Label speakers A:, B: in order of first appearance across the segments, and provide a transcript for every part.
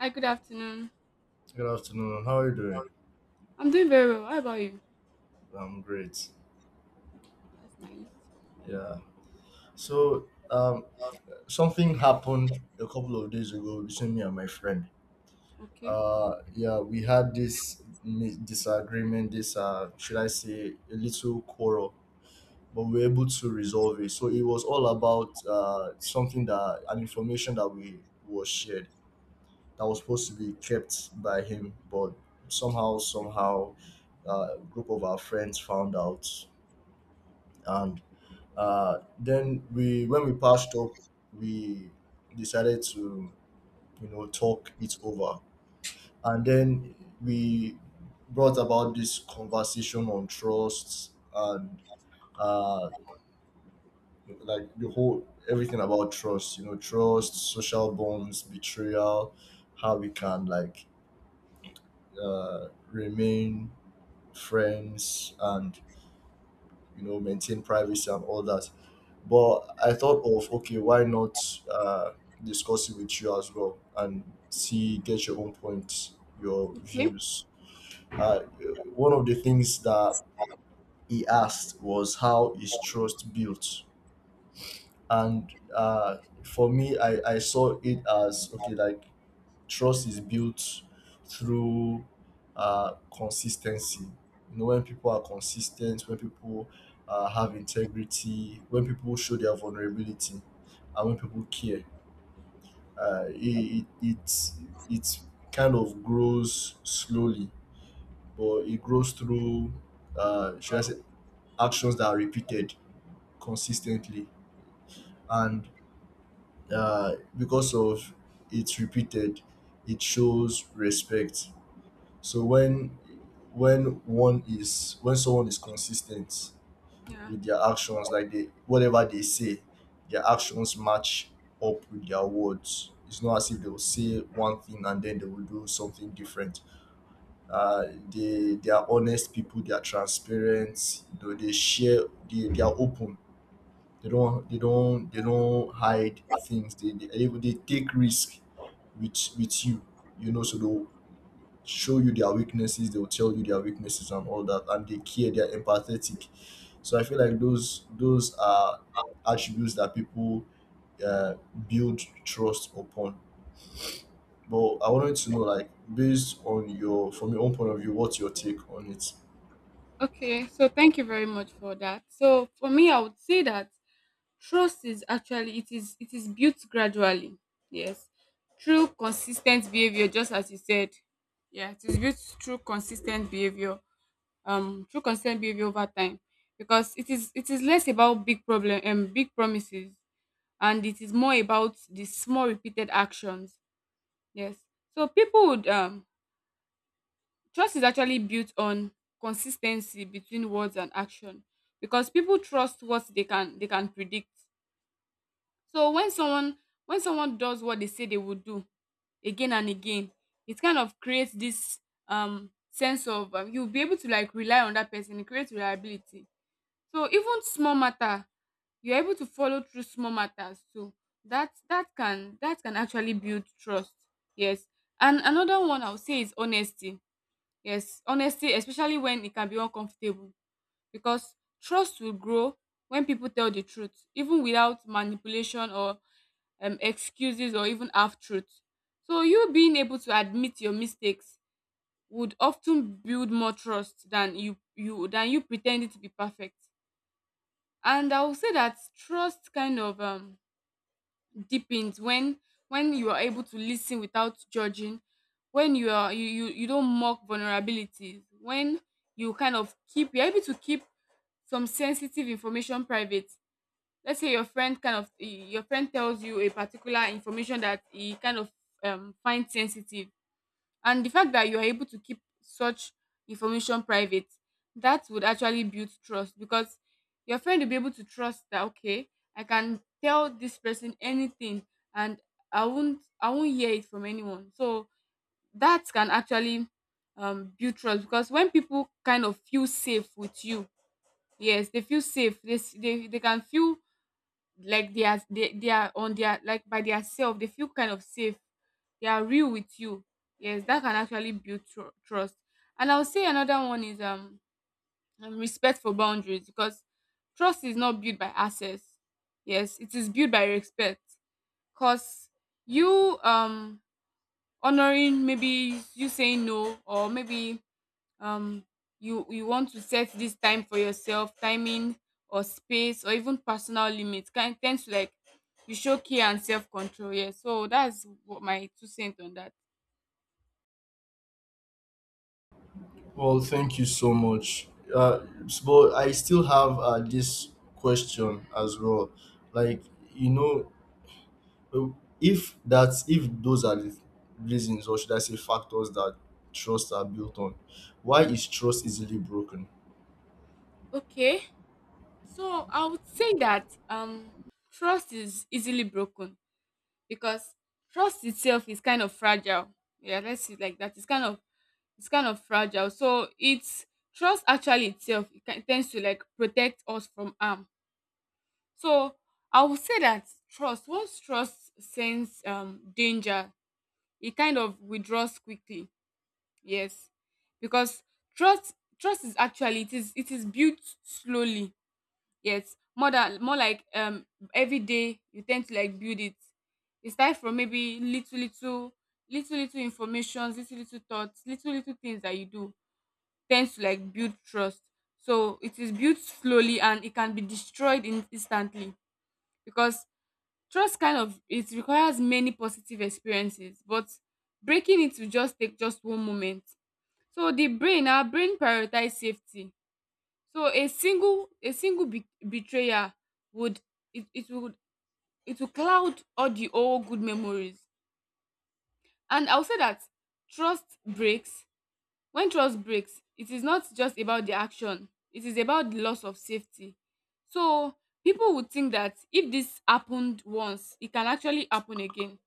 A: Hi, good afternoon.
B: Good afternoon. How are you doing?
A: I'm doing very well. How about you?
B: I'm great.
A: That's nice.
B: Yeah. So, um, Something happened a couple of days ago between me and my friend.
A: Okay.
B: Yeah, we had this disagreement, this should I say, a little quarrel, but we were able to resolve it. So it was all about something that an information that we was shared that was supposed to be kept by him, but somehow, a group of our friends found out and then when we passed up, we decided to, you know, talk it over, and then we brought about this conversation on trust and uh, like the whole everything about trust. You know, trust, social bonds, betrayal, how we can remain friends and you know maintain privacy and all that. But I thought of, okay, why not uh, discuss it with you as well and see, get your own points, your
A: Okay.
B: views. Uh, one of the things that he asked was how is trust built, and for me, I saw it as, okay, like trust is built through consistency. You know, when people are consistent, when people have integrity, when people show their vulnerability, and when people care, uh, it, it it it kind of grows slowly, but it grows through should I say actions that are repeated consistently, and because of it's repeated, it shows respect. So when one is when someone is consistent
A: Yeah.
B: with their actions, like they, whatever they say, their actions match up with their words. It's not as if they will say one thing and then they will do something different. Uh, they are honest people. They are transparent. You know, they share. They are open. They don't they don't hide things. They take risk with you. You know, so they'll show you their weaknesses, they will tell you their weaknesses and all that, and they care, they're empathetic. So I feel like those are attributes that people uh, build trust upon. But I wanted to know, like, based on your, from your own point of view, what's your take on it?
A: Okay, so thank you very much for that. So for me, I would say that trust is actually it is built gradually. Yes. Through consistent behavior, just as you said. Yeah, it is built through consistent behavior. Through consistent behavior over time. Because it is less about big problem and big promises, and it is more about the small repeated actions. Yes. So people would trust is actually built on consistency between words and action, because people trust what they can predict. So when someone does what they say they will do again and again, it kind of creates this sense of you'll be able to like rely on that person. It creates reliability. So even small matter, you're able to follow through small matters too. That can actually build trust. Yes. And another one I would say is honesty. Yes, honesty, especially when it can be uncomfortable, because trust will grow when people tell the truth, even without manipulation or excuses or even half truths. So you being able to admit your mistakes would often build more trust than you pretending to be perfect. And I will say that trust kind of deepens when you are able to listen without judging, when you don't mock vulnerabilities, when you're able to keep some sensitive information private. Let's say your friend your friend tells you a particular information that he kind of finds sensitive, and the fact that you are able to keep such information private, that would actually build trust, because your friend will be able to trust that, okay, I can tell this person anything, and I won't hear it from anyone. So that can actually build trust, because when people kind of feel safe with you, yes, they feel safe. They can feel like they are on their like by their self, they feel kind of safe, they are real with you. Yes, that can actually build trust. And I'll say another one is respect for boundaries, because trust is not built by access. Yes, it is built by respect, because you honoring maybe you saying no, or maybe um you want to set this time for yourself, timing or space or even personal limits, kind tends to like you show care and self-control. Yeah, so that's what my two cents on that.
B: Well, thank you so much. But I still have this question as well. Like, you know, Uh, if that, if those are the reasons, or should I say factors, that trust are built on, why is trust easily broken?
A: Okay, so I would say that trust is easily broken because trust itself is kind of fragile. Yeah, let's see it like that. It's kind of fragile. So it's trust actually itself, it can, tends to like protect us from harm. So I would say that trust, once trust sense danger, it kind of withdraws quickly. Yes. Because trust trust is actually it is built slowly. Yes. More than more like every day you tend to like build it. It starts from maybe little little information, little thoughts, little things that you do tends to like build trust. So it is built slowly and it can be destroyed in instantly because trust kind of it requires many positive experiences, but breaking it will just take just one moment. So the brain, our brain prioritize safety. So a single betrayer would it, it would it will cloud all the old good memories. And I'll say that trust breaks. When trust breaks, it is not just about the action, it is about the loss of safety. So people would think that if this happened once, it can actually happen again.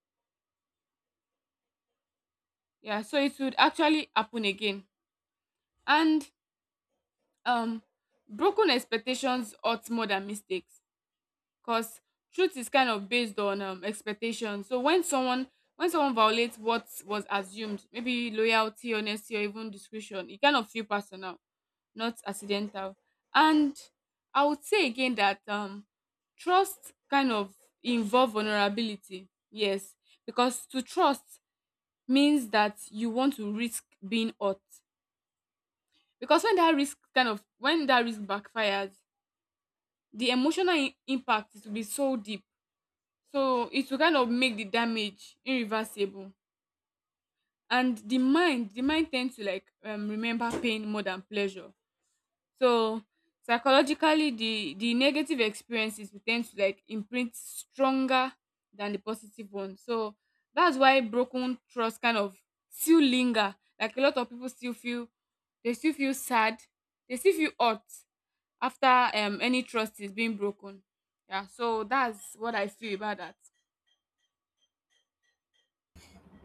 A: Yeah, so it would actually happen again. And um broken expectations hurt more than mistakes, because truth is kind of based on expectations. So when someone, violates what was assumed, maybe loyalty, honesty, or even discretion, it kind of feel personal, not accidental. And I would say again that trust kind of involve vulnerability. Yes, because to trust means that you want to risk being hurt. Because when that risk kind of when that risk backfires, the emotional impact, it will be so deep. So it will kind of make the damage irreversible. And the mind tends to like remember pain more than pleasure. So psychologically, the negative experiences will tend to like imprint stronger than the positive one. So that's why broken trust kind of still linger. Like a lot of people still feel, they still feel sad, they still feel hurt, after any trust is being broken. Yeah, so that's what I feel about that.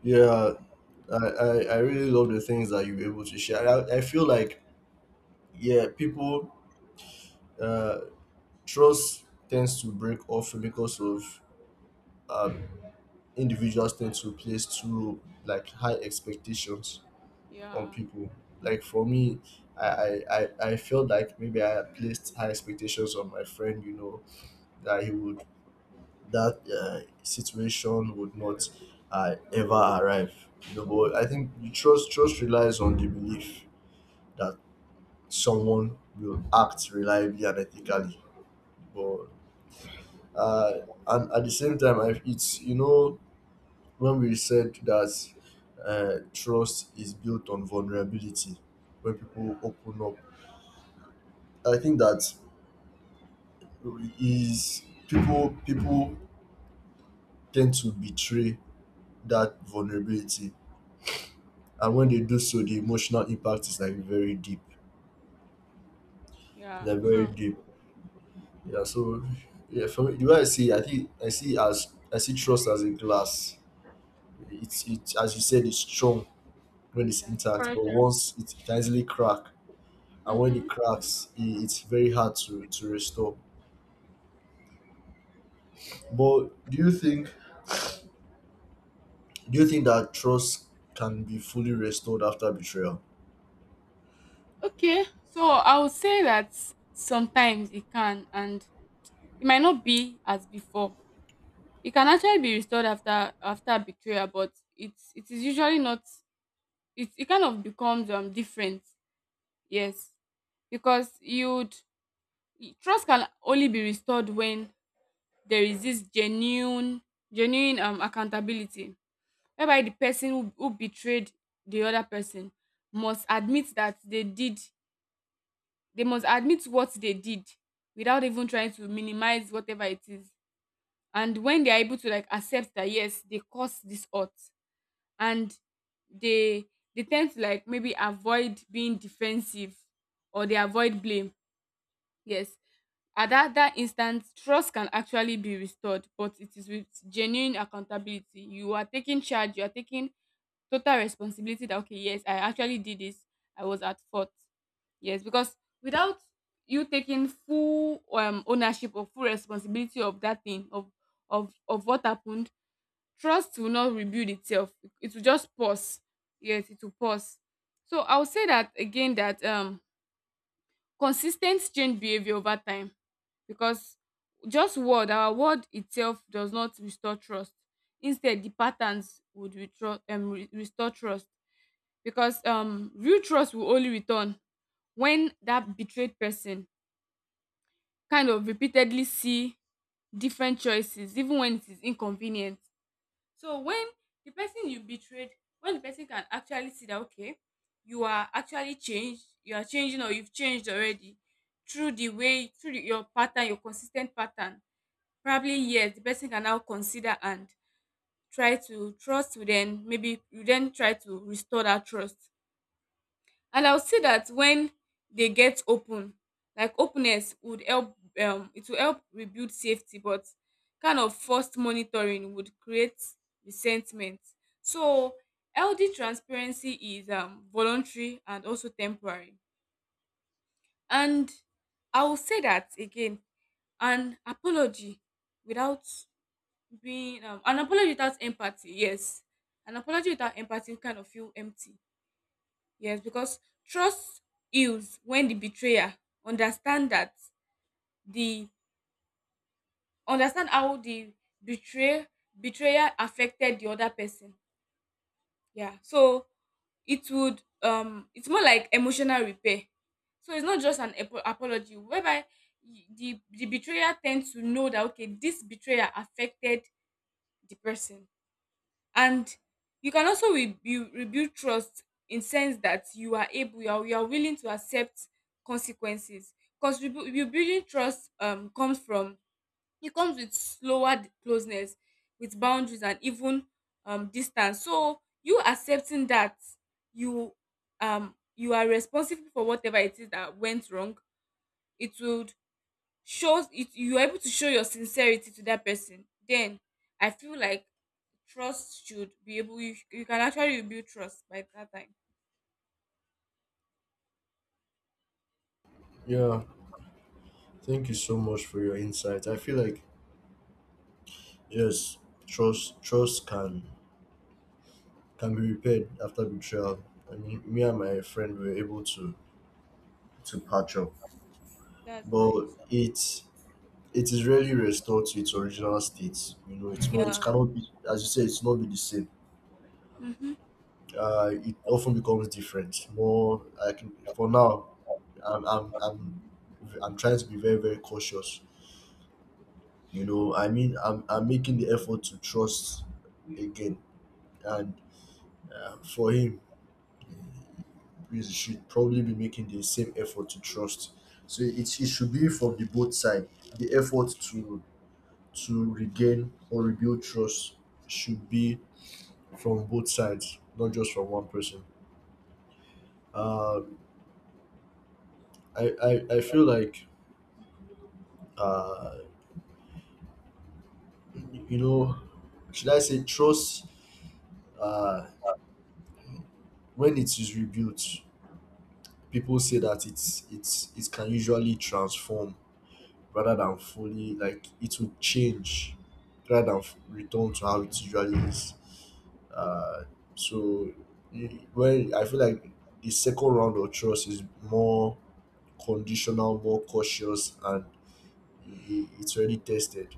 B: Yeah, I really love the things that you were able to share. I feel like, yeah, people uh trust tends to break often because of um individuals tend to place too, like, high expectations on
A: Yeah,
B: people. Like, for me, I felt like maybe I had placed high expectations on my friend, you know, that he would, that situation would not ever arrive. You know, but I think you, trust relies on the belief that someone will act reliably and ethically. But uh, and at the same time, I, it's, you know, when we said that trust is built on vulnerability, when people open up, I think that is, people tend to betray that vulnerability, and when they do so, the emotional impact is like very deep,
A: yeah,
B: like very
A: true.
B: deep. Yeah, so yeah, for me, the way I see it, I think I see it as, I see trust as a glass. It's, it, as you said, it's strong when it's
A: Yeah, it's
B: intact, but
A: pressure.
B: once it can easily crack, and when it
A: Mm-hmm.
B: cracks, I it's very hard to restore. But do you think, do you think that trust can be fully restored after betrayal?
A: Okay, so I would say that sometimes it can, and it might not be as before. It can actually be restored after betrayal, but it is usually not. It kind of becomes different. Yes, because you'd trust can only be restored when there is this genuine accountability, whereby the person who betrayed the other person must admit that they must admit what they did without even trying to minimize whatever it is. And when they are able to like accept that, yes, they caused this hurt, and they they tend to like maybe avoid being defensive or they avoid blame. Yes. At that instant, trust can actually be restored, but it is with genuine accountability. You are taking charge, you are taking total responsibility that, okay, yes, I actually did this. I was at fault. Yes, because without you taking full ownership or full responsibility of that thing, of what happened, trust will not rebuild itself. It will just pause. Yes, it will pause. So I'll say that again that consis ten t change behaviour over time, because just word our word itself does not restore trust. Instead, the patterns would retro re restore trust, because real trust will only return when that betrayed person kind of repeatedly see different choices even when it is inconvenient. So when the person you betrayed, when the person can actually see that, okay, you are actually changed, you are changing, or you've changed already through the way, through the, your pattern, your consistent pattern. Probably yes, the person can now consider and try to trust you. Then maybe you then try to restore that trust. And I would say that when they get open, like openness would help, it will help rebuild safety, but kind of forced monitoring would create resentment. So healthy transparency is voluntary and also temporary. And I will say that again, an apology without being an apology without empathy, yes, an apology without empathy kind of feel empty. Yes, because trust heals when the betrayer understand that the understand how the betray betrayer affected the other person. Yeah. So it would it's more like emotional repair. So it's not just an apology whereby the betrayer tends to know that, okay, this betrayer affected the person. And you can also rebuild trust in sense that you are able you are willing to accept consequences, because rebuilding trust comes from it comes with slower closeness with boundaries and even distance. So you accepting that you you are responsible for whatever it is that went wrong, it would shows it you are able to show your sincerity to that person, then I feel like trust should be able you can actually rebuild trust by that time.
B: Yeah, thank you so much for your insight. I feel like yes, trust can be repaired after betrayal. I mean, me and my friend were able to patch up,
A: That's
B: but
A: nice.
B: it is rarely restored to its original state. You know, it's not, it
A: Yeah.
B: cannot be, as you say, it's not be the same.
A: Mm-hmm.
B: It often becomes different. More, I can, for now, I'm I'm I'm, I'm trying to be very very cautious. You know, I mean, I'm making the effort to trust again, and for him, we should probably be making the same effort to trust. So it should be from the both side. The effort to regain or rebuild trust should be from both sides, not just from one person. Uh, I feel like uh, you know, should I say trust? Uh, when it is rebuilt, people say that it's, it can usually transform rather than fully, like it will change rather than return to how it usually is. Uh, so well, I feel like the second round of trust is more conditional, more cautious, and it's already tested.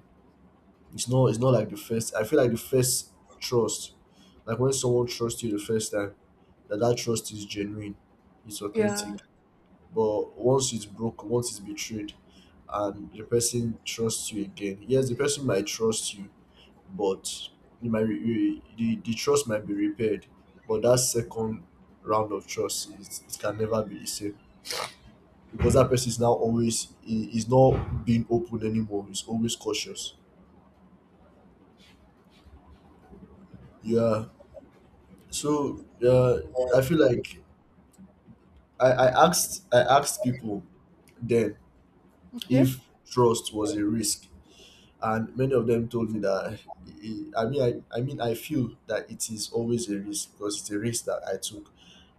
B: It's not, it's not like the first. I feel like the first trust, like when someone trusts you the first time, that that trust is genuine, it's
A: Yeah.
B: authentic. But once it's broken, once it's betrayed, and the person trusts you again, yes, the person might trust you, but you might the trust might be repaired. But that second round of trust is, it can never be the same, because that person is now always, he's not being open anymore. He's always cautious. Yeah. So I feel like, I asked people then,
A: Okay.
B: if trust was a risk, and many of them told me that I mean, I feel that it is always a risk because it's a risk that I took.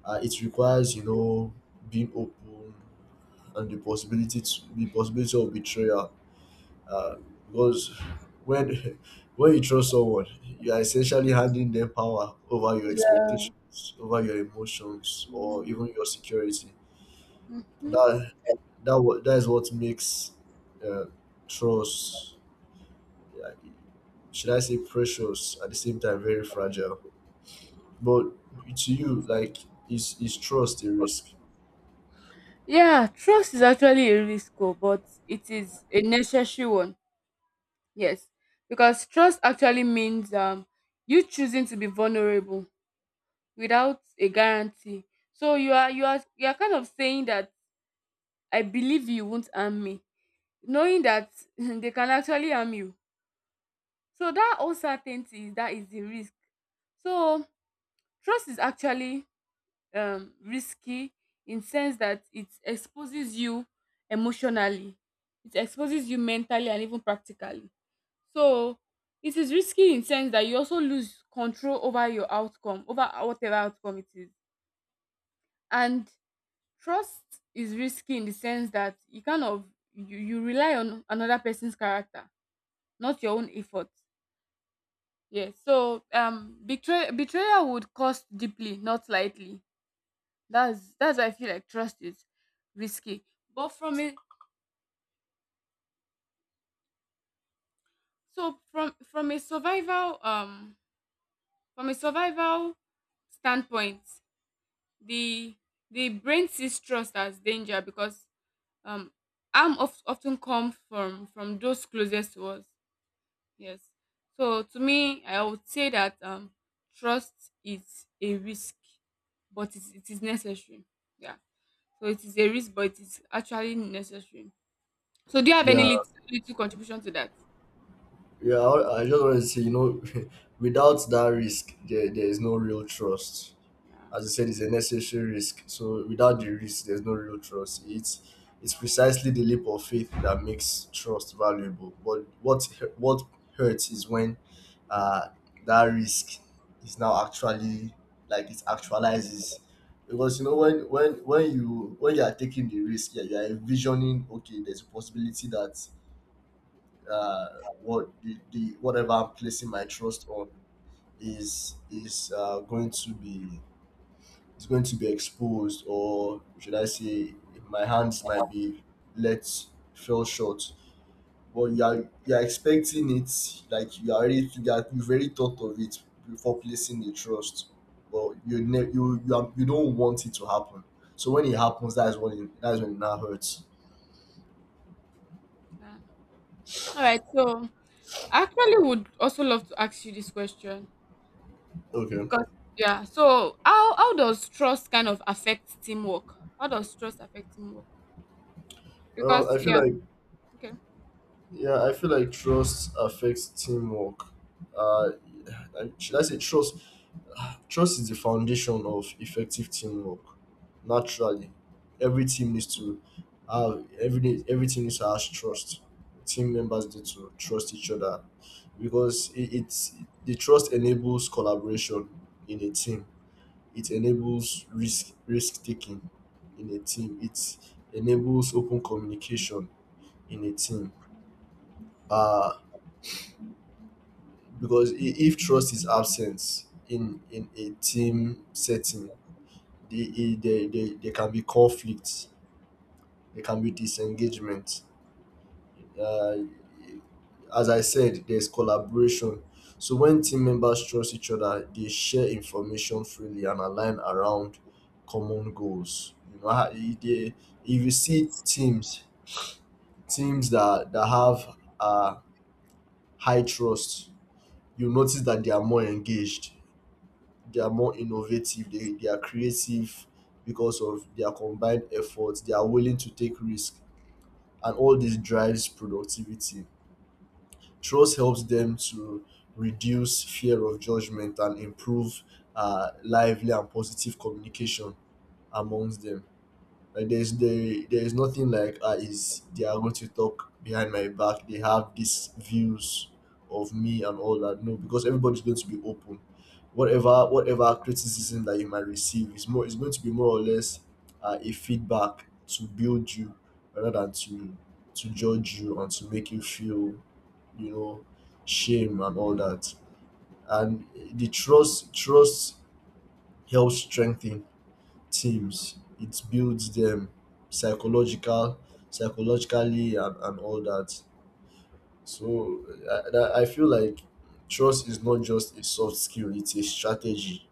B: It requires, you know, being open and the possibility of betrayal. uh, because when when you trust someone, you are essentially handing them power over your expectations, over your emotions, or
A: Yeah.
B: even your security.
A: Hmm.
B: that that is what makes uh, trust, like, should I say precious at the same time very fragile. But to you, like, is trust a risk?
A: Yeah, trust is actually a risk, oh, but it is a necessary one. Yes, because trust actually means you choosing to be vulnerable without a guarantee. So you are kind of saying that I believe you won't harm me, knowing that they can actually harm you. So that uncertainty, that is the risk. So trust is actually risky in sense that it exposes you emotionally, it exposes you mentally and even practically. So it is risky in sense that you also lose control over your outcome, over whatever outcome it is. And trust is risky in the sense that you kind of you rely on another person's character, not your own effort. Yeah. So betray betrayal would cost deeply, not lightly. That's why I feel like trust is risky. But from a so from from a survival um from a survival standpoint, the brain sees trust as danger because um harm of, often come from those closest to us. Yes. So to me, I would say that trust is a risk, but it is necessary. Yeah. So it is a risk, but it is actually necessary. So do you have any
B: Yeah,
A: little contribution to that?
B: yeah. I just want to say, you know, without that risk, there is no real trust.
A: Yeah,
B: As you said, is a necessary risk. So without the risk, there's no real trust. It's precisely the leap of faith that makes trust valuable. But what hurts is when uh, that risk is now actually, like, it actualizes. Because you know, when you, when you are taking the risk, yeah, you are envisioning, okay, there's a possibility that uh, what the, whatever I'm placing my trust on, is going to be, is going to be exposed, or should I say, my hands might be let fell short. But you are, you are expecting it, like, you already think that you've already thought of it before placing the trust, but you ne- you, are, you don't want it to happen. So when it happens, that's when it now hurts.
A: yeah. All right. So I actually would also love to ask you this question
B: Okay.
A: because yeah. So how does trust kind of affect teamwork? How does trust affect teamwork?
B: Well,
A: Because
B: I feel
A: yeah.
B: like
A: Okay.
B: yeah, I feel like trust affects teamwork. Uh, should I say trust. Trust is the foundation of effective teamwork. Naturally, every team needs to have, every team needs to have trust. Team members need to trust each other, because it's, the trust enables collaboration in a team. It enables risk taking in a team. It enables open communication in a team. Uh, because if trust is absent in a team setting, they can be conflicts, they can be disengagement. Uh, as I said, there's collaboration. So when team members trust each other, they share information freely and align around common goals. You know, if you see teams, teams that have high trust, you notice that they are more engaged, they are more innovative, they are creative because of their combined efforts. They are willing to take risk, and all this drives productivity. Trust helps them to reduce fear of judgment and improve lively and positive communication amongst them. Like there there is nothing like, ah, is they are going to talk behind my back. They have these views of me and all that. No, because everybody's going to be open. Whatever criticism that you might receive is more, is going to be more or less a feedback to build you rather than to judge you and to make you feel, you know, shame and all that. And the trust helps strengthen teams. It builds them psychological, psychologically, and all that. So I feel like trust is not just a soft skill; it's a strategy.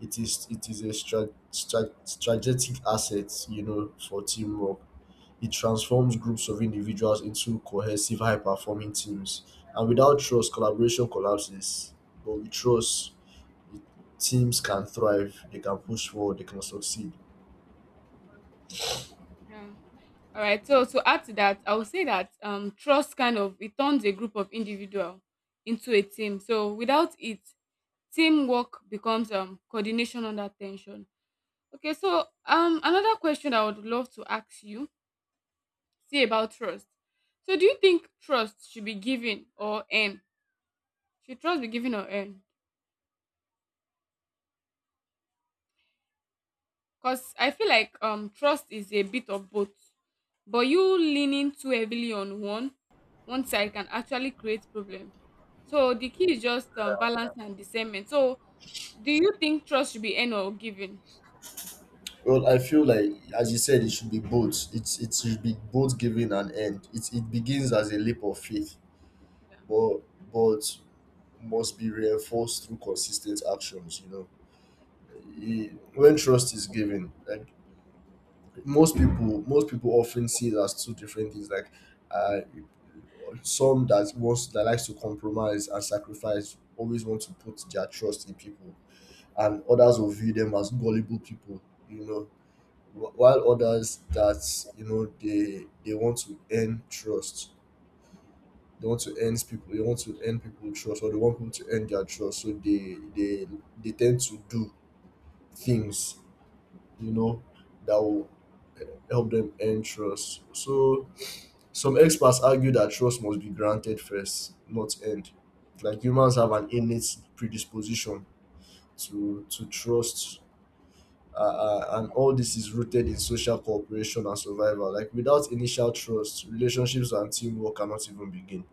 B: It is, it is a strategic asset, you know, for teamwork. It transforms groups of individuals into cohesive, high-performing teams. And without trust, collaboration collapses. But with trust, teams can thrive. They can push forward. They can succeed.
A: Yeah. All right. So to add to that, I would say that trust kind of it turns a group of individual into a team. So without it, teamwork becomes coordination under tension. Okay, so another question I would love to ask you, see about trust. So do you think trust should be given or earned? Should trust be given or earned? Because I feel like trust is a bit of both. But you leaning too heavily on one side can actually create problem. So the key is just balance and discernment. So do you think trust should be earned or given?
B: Well, I feel like, as you said, it should be both. It should be both giving and end. It begins as a leap of faith,
A: Yeah.
B: but but must be reinforced through consistent actions. You know, E- when trust is given, like most people often see it as two different things. Like, uh, some that wants that likes to compromise and sacrifice always want to put their trust in people, and others will view them as gullible people. You know, while others that you know they want to earn trust, they want to earn people they want to earn people trust, or they want people to earn their trust, so they they tend to do things, you know, that will help them earn trust. So some experts argue that trust must be granted first, not earned. Like humans have an innate predisposition to trust, and all this is rooted in social cooperation and survival. Like without initial trust, relationships and teamwork cannot even begin.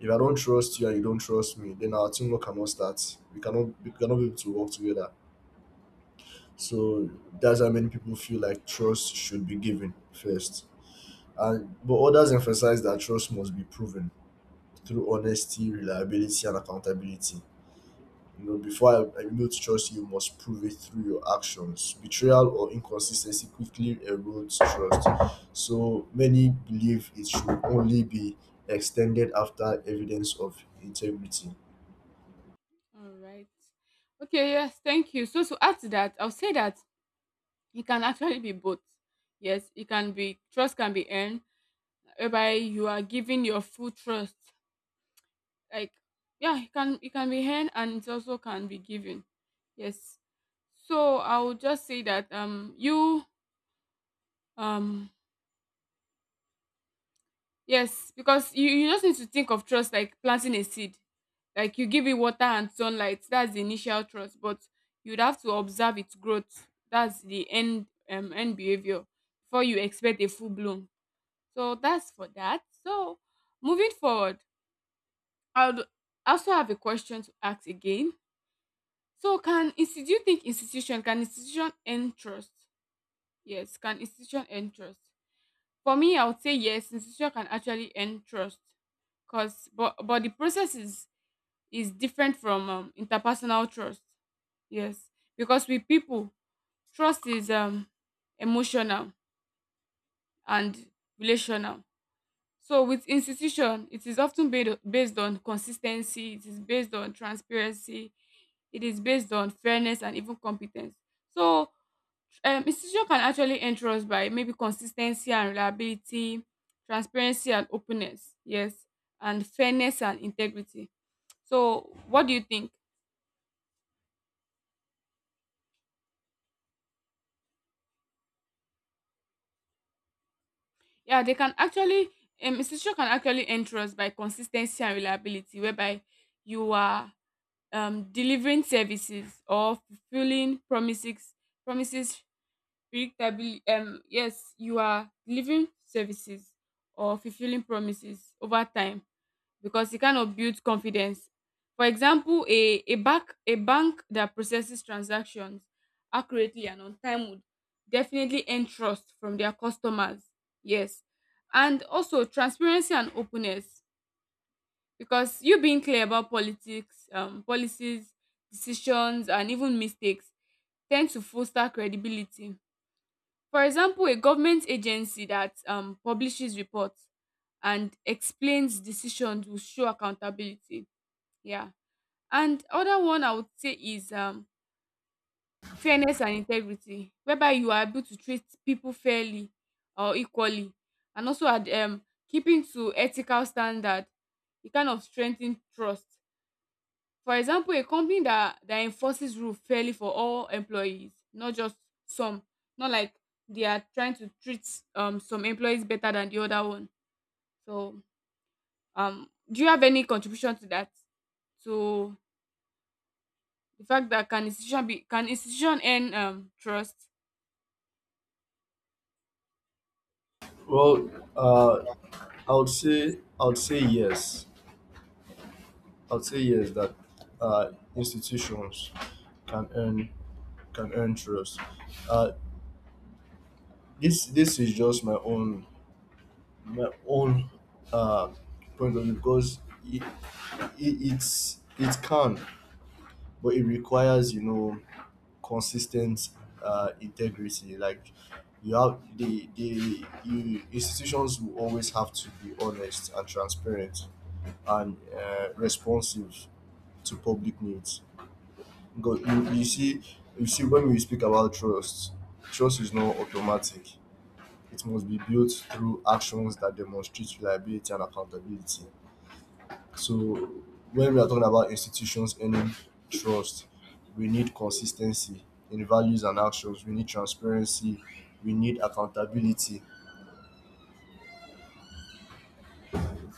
B: If I don't trust you and you don't trust me, then our teamwork cannot start. We cannot be able to work together. So that's how many people feel like trust should be given first. And but others emphasize that trust must be proven through honesty, reliability, and accountability. You know, before I'm able to trust you, you must prove it through your actions. Betrayal or inconsistency quickly erodes trust. So many believe it should only be extended after evidence of integrity.
A: All right. Okay, yes, thank you. So to add to that, I'll say that it can actually be both. Yes, it can be, trust can be earned, whereby you are giving your full trust, like, yeah, it can, it can be earned and it also can be given. Yes. So I would just say that you um yes, because you just need to think of trust like planting a seed. Like you give it water and sunlight, that's the initial trust, but you'd have to observe its growth, that's the end behavior before you expect a full bloom. So that's for that. So moving forward, I would also have a question to ask again. So can institution earn trust? Yes, can institution earn trust? For me, I would say yes, institution can actually earn trust. Cause but the process is different from interpersonal trust. Yes. Because with people, trust is emotional and relational. So with institution, it is often based on consistency, it is based on transparency, it is based on fairness and even competence. So institution can actually enter us by maybe consistency and reliability, transparency and openness, yes, and fairness and integrity. So what do you think? Yeah, they can actually, institution can actually enter us by consistency and reliability, whereby you are delivering services or fulfilling promises predictably. Yes, you are delivering services or fulfilling promises over time because it kind of builds confidence. For example, a bank, a bank that processes transactions accurately and on time would definitely earn trust from their customers. Yes. And also transparency and openness, because you being clear about politics, policies, decisions and even mistakes tend to foster credibility. For example, a government agency that publishes reports and explains decisions will show accountability. Yeah. And other one I would say is fairness and integrity, whereby you are able to treat people fairly or equally. And also keeping to ethical standard, it kind of strengthens trust. For example, a company that enforces rule fairly for all employees, not just some, not like they are trying to treat some employees better than the other one. So do you have any contribution to that? To the fact that can institution earn trust?
B: Well, I would say yes. I would say yes that institutions can earn, can earn trust. Uh, this is just my own uh, point of view, because it, it's it can, but it requires, you know, consistent integrity. Like you have the you, institutions will always have to be honest and transparent and responsive to public needs. Because you see, you see, when we speak about trust, trust is not automatic. It must be built through actions that demonstrate reliability and accountability. So when we are talking about institutions earning trust, we need consistency in values and actions. We need transparency. We need accountability.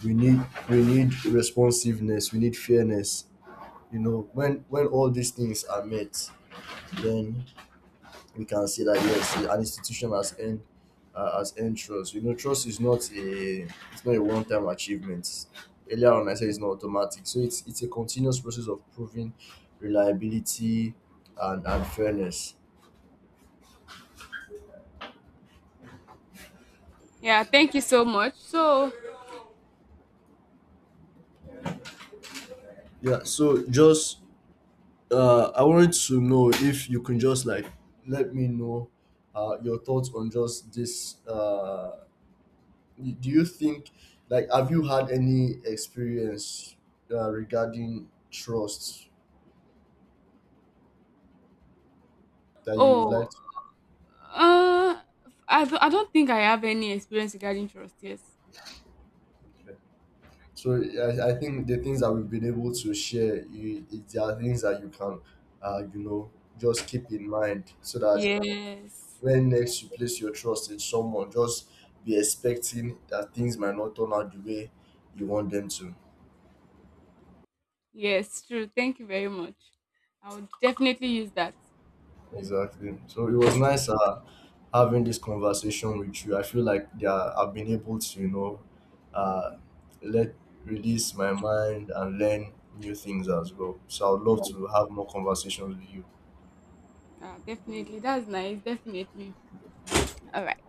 B: We need we need responsiveness. We need fairness. You know, when all these things are met, then we can say that yes, an institution has earned trust. You know, trust is not a it's not a one time achievement. Earlier on, I said it's not automatic, so it's a continuous process of proving reliability and fairness.
A: Yeah, thank you so much. So
B: Yeah. So just I wanted to know if you can just like let me know your thoughts on just this. Do you think, like, have you had any experience regarding trust that you would
A: oh
B: like to.
A: uh I don't think I have any experience regarding trust, yes.
B: So I think the things that we've been able to share is there are things that you can, you know, just keep in mind, so that
A: Yes.
B: when next you place your trust in someone, just be expecting that things might not turn out the way you want them to.
A: Yes, true. Thank you very much. I would definitely use that.
B: Exactly. So it was nice, having this conversation with you. I feel like, yeah, I've been able to, you know, uh, let release my mind and learn new things as well. So I'd love to have more conversations with you.
A: Ah, definitely. That's nice. Definitely. All right.